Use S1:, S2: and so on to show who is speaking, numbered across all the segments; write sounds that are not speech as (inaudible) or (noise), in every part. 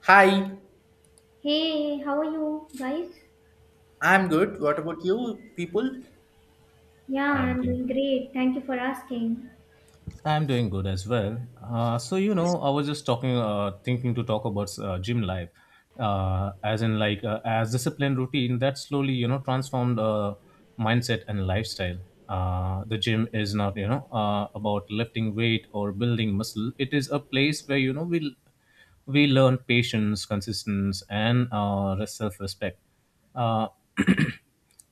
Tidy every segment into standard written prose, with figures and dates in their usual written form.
S1: Hi,
S2: Hey, how are you guys?
S1: I'm good. What about you people?
S2: Yeah,
S3: I'm
S2: I'm
S3: doing,
S2: doing great. Thank you for asking.
S3: I'm doing good as well. So I was just talking, thinking to talk about gym life, as in as discipline routine that slowly transformed mindset and lifestyle. The gym is not about lifting weight or building muscle. It is a place where you know we learn patience, consistency, and self respect. Uh, (clears throat)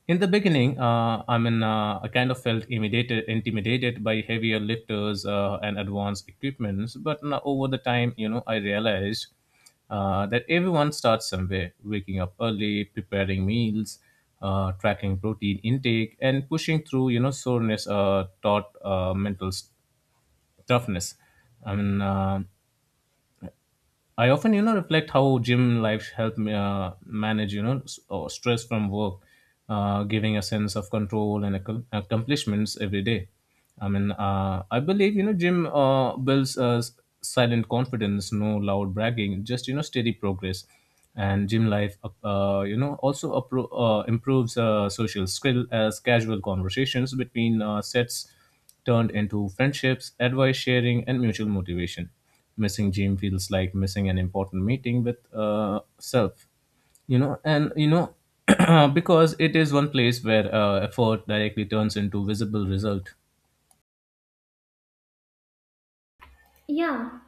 S3: In the beginning, I kind of felt intimidated by heavier lifters and advanced equipments. But now, over the time, you know, I realized that everyone starts somewhere, waking up early, preparing meals, tracking protein intake, and pushing through, you know, soreness taught toughness. I mean, uh, I often, you know, reflect how gym life helped me manage, you know, s- or stress from work, giving a sense of control and accomplishments every day. I believe, you know, gym builds silent confidence, no loud bragging, just, you know, steady progress. And gym life, you know, also improves social skill as casual conversations between sets turned into friendships, advice sharing, and mutual motivation. Missing gym feels like missing an important meeting with self, you know, and you know, (clears throat) because it is one place where effort directly turns into visible result.
S2: Yeah,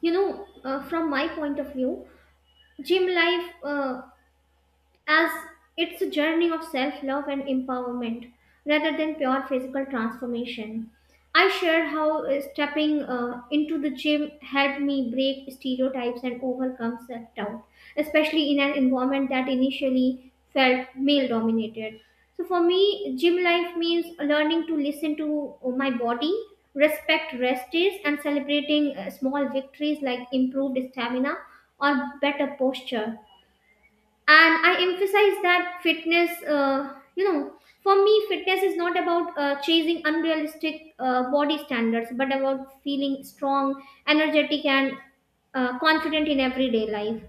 S2: you know, from my point of view, gym life as it's a journey of self love and empowerment rather than pure physical transformation. I shared how stepping into the gym helped me break stereotypes and overcome self doubt, especially in an environment that initially felt male dominated. So, for me, gym life means learning to listen to my body, respect rest days, and celebrating small victories like improved stamina or better posture. And I emphasize that fitness, for me, fitness is not about chasing unrealistic body standards, but about feeling strong, energetic, and confident in everyday life.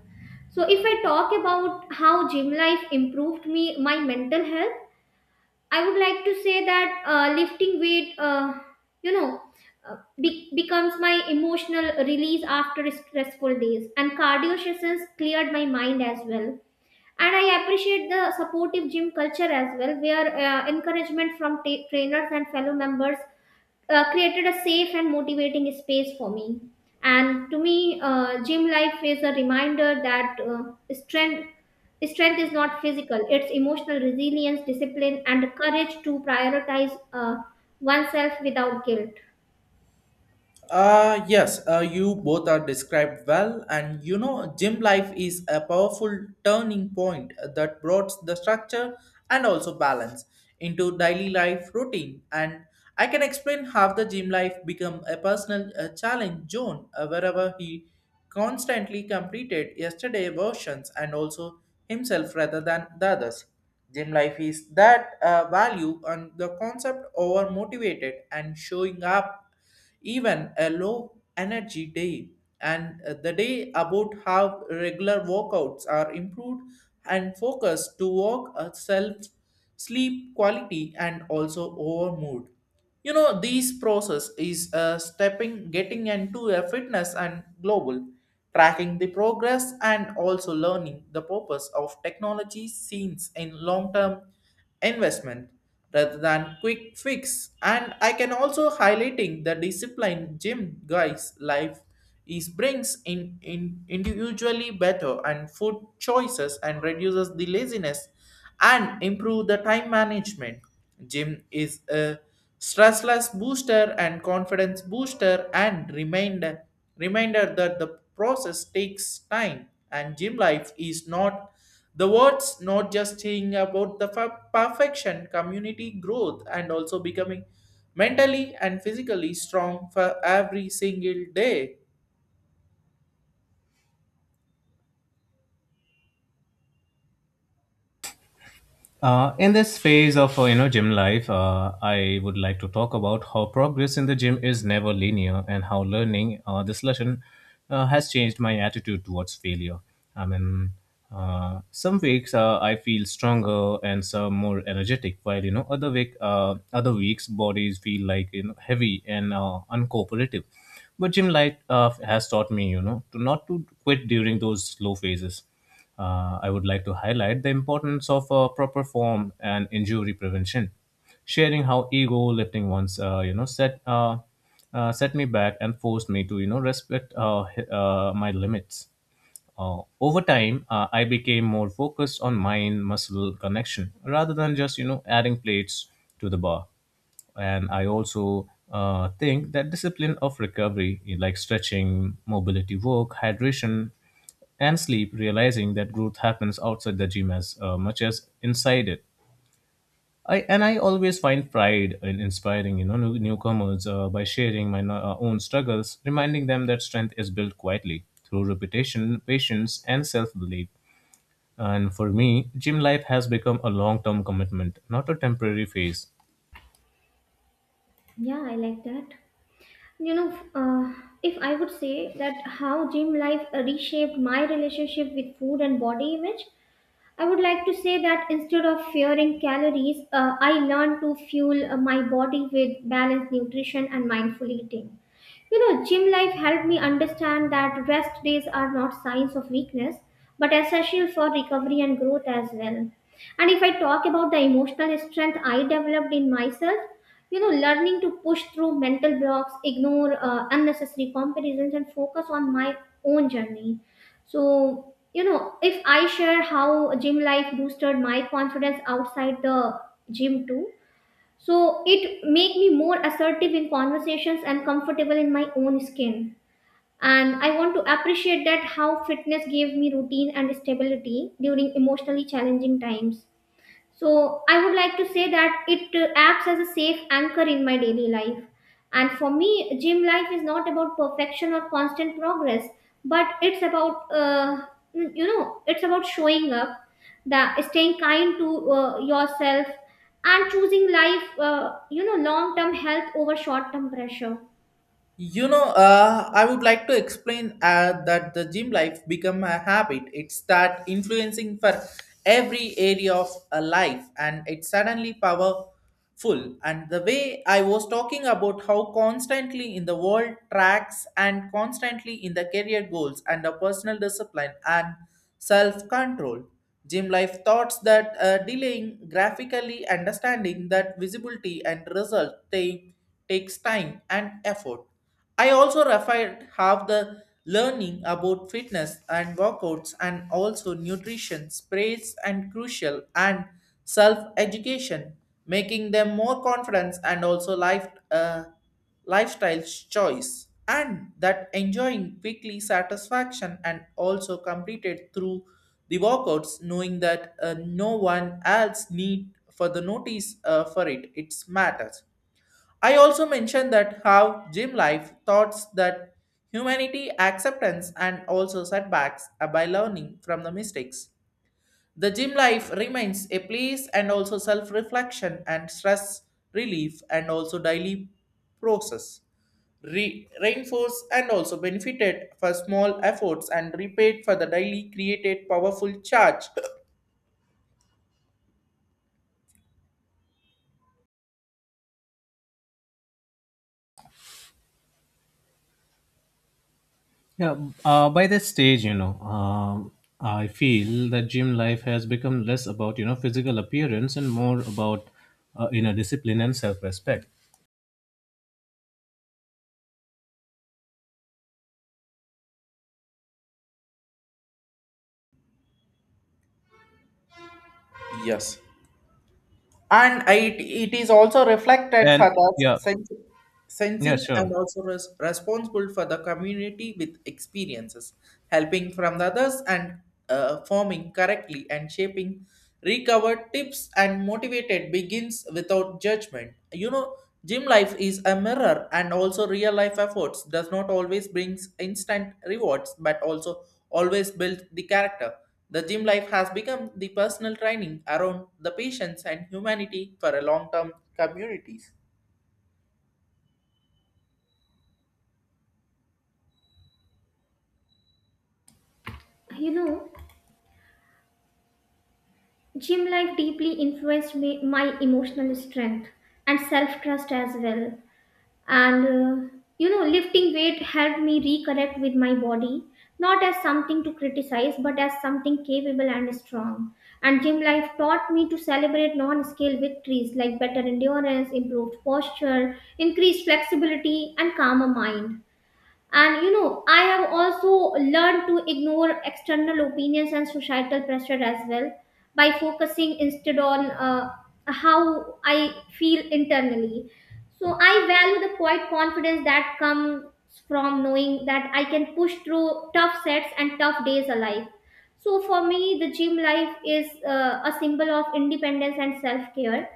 S2: So if I talk about how gym life improved me, my mental health, I would like to say that lifting weight, you know, uh, becomes my emotional release after stressful days, and cardio sessions cleared my mind as well. And I appreciate the supportive gym culture as well, where encouragement from ta trainers and fellow members created a safe and motivating space for me. And to me, gym life is a reminder that strength is not physical; it's emotional resilience, discipline, and the courage to prioritize, oneself without guilt.
S1: Yes, you both are described well, and you know, gym life is a powerful turning point that brought the structure and also balance into daily life routine. And I can explain how the gym life become a personal challenge zone wherever he constantly completed yesterday versions and also himself rather than the others. Gym life is that value and the concept over motivated and showing up even a low energy day and the day about how regular workouts are improved and focus to work self sleep quality and also over mood. You know, these process is stepping getting into a fitness and global tracking the progress and also learning the purpose of technology scenes in long-term investment rather than quick fix. And I can also highlighting the discipline gym guys life is brings in individually better and food choices and reduces the laziness and improve the time management. Gym is a stressless booster and confidence booster and reminder that the process takes time, and gym life is not the words, not just saying about the perfection, community growth, and also becoming mentally and physically strong for every single day.
S3: In this phase of gym life, I would like to talk about how progress in the gym is never linear and how learning this lesson has changed my attitude towards failure. I mean, some weeks I feel stronger and some more energetic, while you know other weeks bodies feel like you know heavy and uncooperative. But gym life has taught me you know to not to quit during those slow phases. I would like to highlight the importance of proper form and injury prevention, sharing how ego lifting once set me back and forced me to you know respect my limits. Over time, I became more focused on mind-muscle connection rather than just you know adding plates to the bar. And I also think that discipline of recovery, like stretching, mobility work, hydration, and sleep, realizing that growth happens outside the gym as much as inside it. I and I always find pride in inspiring you know newcomers by sharing my own struggles, reminding them that strength is built quietly through repetition, patience, and self-belief. And for me, gym life has become a long-term commitment, not a temporary phase.
S2: Yeah, I like that. You know, if I would say that how gym life reshaped my relationship with food and body image, I would like to say that instead of fearing calories, I learned to fuel my body with balanced nutrition and mindful eating. You know, gym life helped me understand that rest days are not signs of weakness, but essential for recovery and growth as well. And if I talk about the emotional strength I developed in myself, you know, learning to push through mental blocks, ignore unnecessary comparisons, and focus on my own journey. So, you know, if I share how gym life boosted my confidence outside the gym too, so it make me more assertive in conversations and comfortable in my own skin. And I want to appreciate that how fitness gave me routine and stability during emotionally challenging times, so I would like to say that it acts as a safe anchor in my daily life. And for me, gym life is not about perfection or constant progress, but it's about, it's about showing up, that staying kind to, yourself, and choosing life, long term health over short term pressure.
S1: I would like to explain that the gym life become a habit. It start influencing for every area of a life, and it's suddenly powerful. And the way I was talking about how constantly in the world tracks and constantly in the career goals and the personal discipline and self control. Gym life thoughts that delaying graphically understanding that visibility and result they takes time and effort. I also referred how the learning about fitness and workouts and also nutrition sprays and crucial and self-education, making them more confidence and also life lifestyle choice, and that enjoying quickly satisfaction and also completed through the workouts knowing that no one else need for the notice for it it's matters. I also mentioned that how gym life thoughts that humanity acceptance and also setbacks are by learning from the mistakes. The gym life remains a place and also self-reflection and stress relief and also daily process. Reinforced and also benefited for small efforts and repaid for the daily created powerful charge.
S3: Yeah, by this stage, I feel that gym life has become less about you know physical appearance and more about inner discipline and self-respect.
S1: Yes. And it is also reflected for
S3: And
S1: the
S3: yeah,
S1: sense,
S3: yeah,
S1: sensing and
S3: sure.
S1: also responsible for the community with experiences, helping from the others, and forming correctly and shaping recovered tips and motivated begins without judgment. You know, gym life is a mirror, and also real life efforts does not always brings instant rewards but also always build the character. The gym life has become the personal training around the patience and humanity for a long-term communities.
S2: You know, gym life deeply influenced me, my emotional strength and self trust as well. And lifting weight helped me reconnect with my body, not as something to criticize but as something capable and strong. And gym life taught me to celebrate non-scale victories like better endurance, improved posture, increased flexibility, and calmer mind. And you know, I have also learned to ignore external opinions and societal pressure as well, by focusing instead on how I feel internally. So I value the quiet confidence that comes from knowing that I can push through tough sets and tough days alive. So for me, the gym life is a symbol of independence and self care,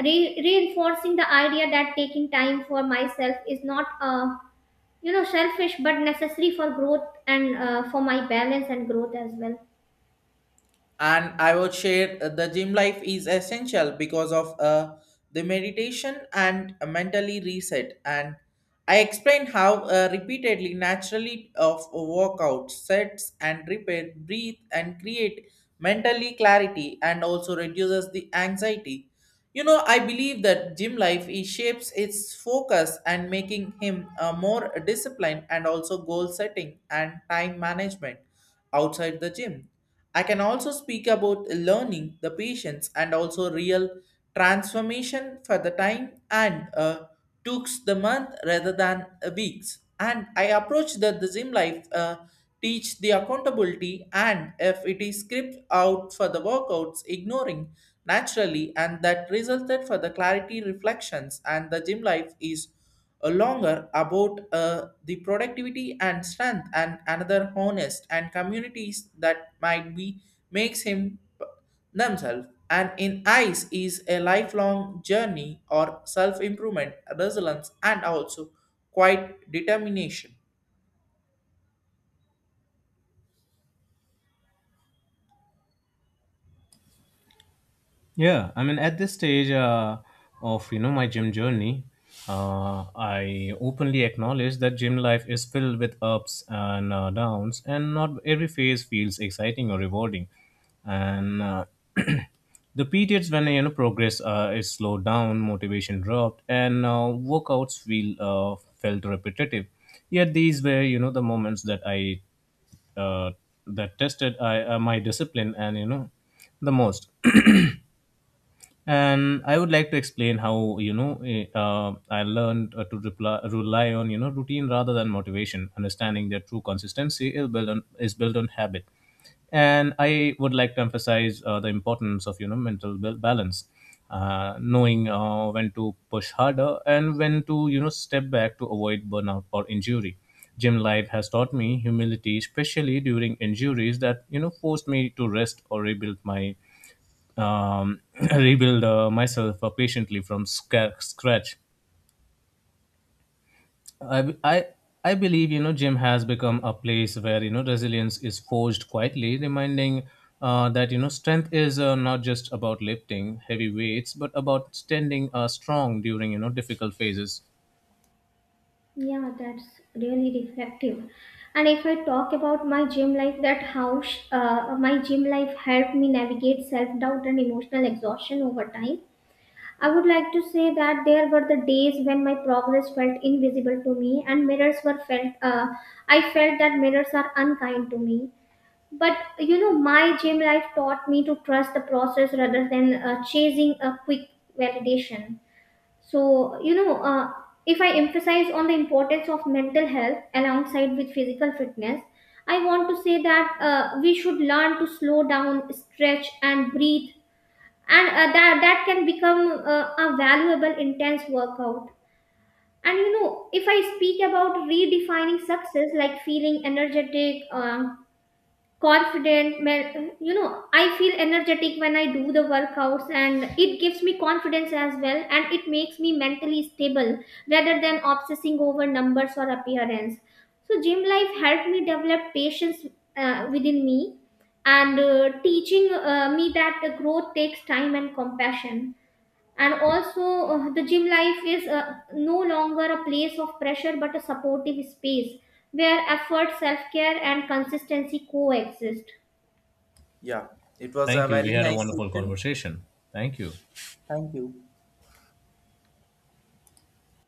S2: reinforcing the idea that taking time for myself is not a, you know, selfish but necessary for growth and, for my balance and growth as well.
S1: And I would share, the gym life is essential because of the meditation and a mentally reset. And I explained how repeatedly naturally of workout sets and repair breathe and create mentally clarity and also reduces the anxiety. You know, I believe that gym life is shapes its focus and making him more disciplined and also goal setting and time management outside the gym. I can also speak about learning, the patience, and also real transformation for the time, and took the month rather than weeks. And I approached the gym life. Teach the accountability, and if it is script out for the workouts ignoring naturally and that resulted for the clarity reflections, and the gym life is a longer about the productivity and strength and another honest and communities that might be makes him uh, themselves, and in eyes is a lifelong journey or self-improvement, resilience, and also quite determination.
S3: At this stage of you know my gym journey, I openly acknowledge that gym life is filled with ups and downs, and not every phase feels exciting or rewarding. And the periods when you know progress is slowed down, motivation dropped, and workouts feel felt repetitive. Yet these were you know the moments that I uh, that tested my discipline and you know the most. And I would like to explain how you know I learned rely on you know routine rather than motivation, understanding that true consistency is built on habit. And I would like to emphasize the importance of you know balance, knowing when to push harder and when to you know step back to avoid burnout or injury. Gym life has taught me humility, especially during injuries that you know forced me to rest or rebuild my um, (clears throat) rebuild myself patiently from scratch. I, I, I believe you know gym has become a place where you know resilience is forged quietly, reminding that you know strength is not just about lifting heavy weights, but about standing strong during you know difficult phases.
S2: Yeah, that's really reflective. And if I talk about my gym life, that how my gym life helped me navigate self-doubt and emotional exhaustion over time, I would like to say that there were the days when my progress felt invisible to me and mirrors were felt, I felt that mirrors are unkind to me. But you know, my gym life taught me to trust the process rather than chasing a quick validation. So you know, if I emphasize on the importance of mental health alongside with physical fitness, I want to say that we should learn to slow down, stretch and breathe, and that can become a valuable intense workout. And you know, if I speak about redefining success like feeling energetic, confident I feel energetic when I do the workouts and it gives me confidence as well, and it makes me mentally stable rather than obsessing over numbers or appearance. So gym life helped me develop patience within me, and teaching me that the growth takes time and compassion. And also the gym life is no longer a place of pressure but a supportive space where effort, self-care and consistency coexist.
S1: Yeah, it was
S3: Thank
S1: a
S3: you. We
S1: very
S3: had a
S1: nice
S3: wonderful
S1: session.
S3: conversation. Thank you.
S1: Thank you.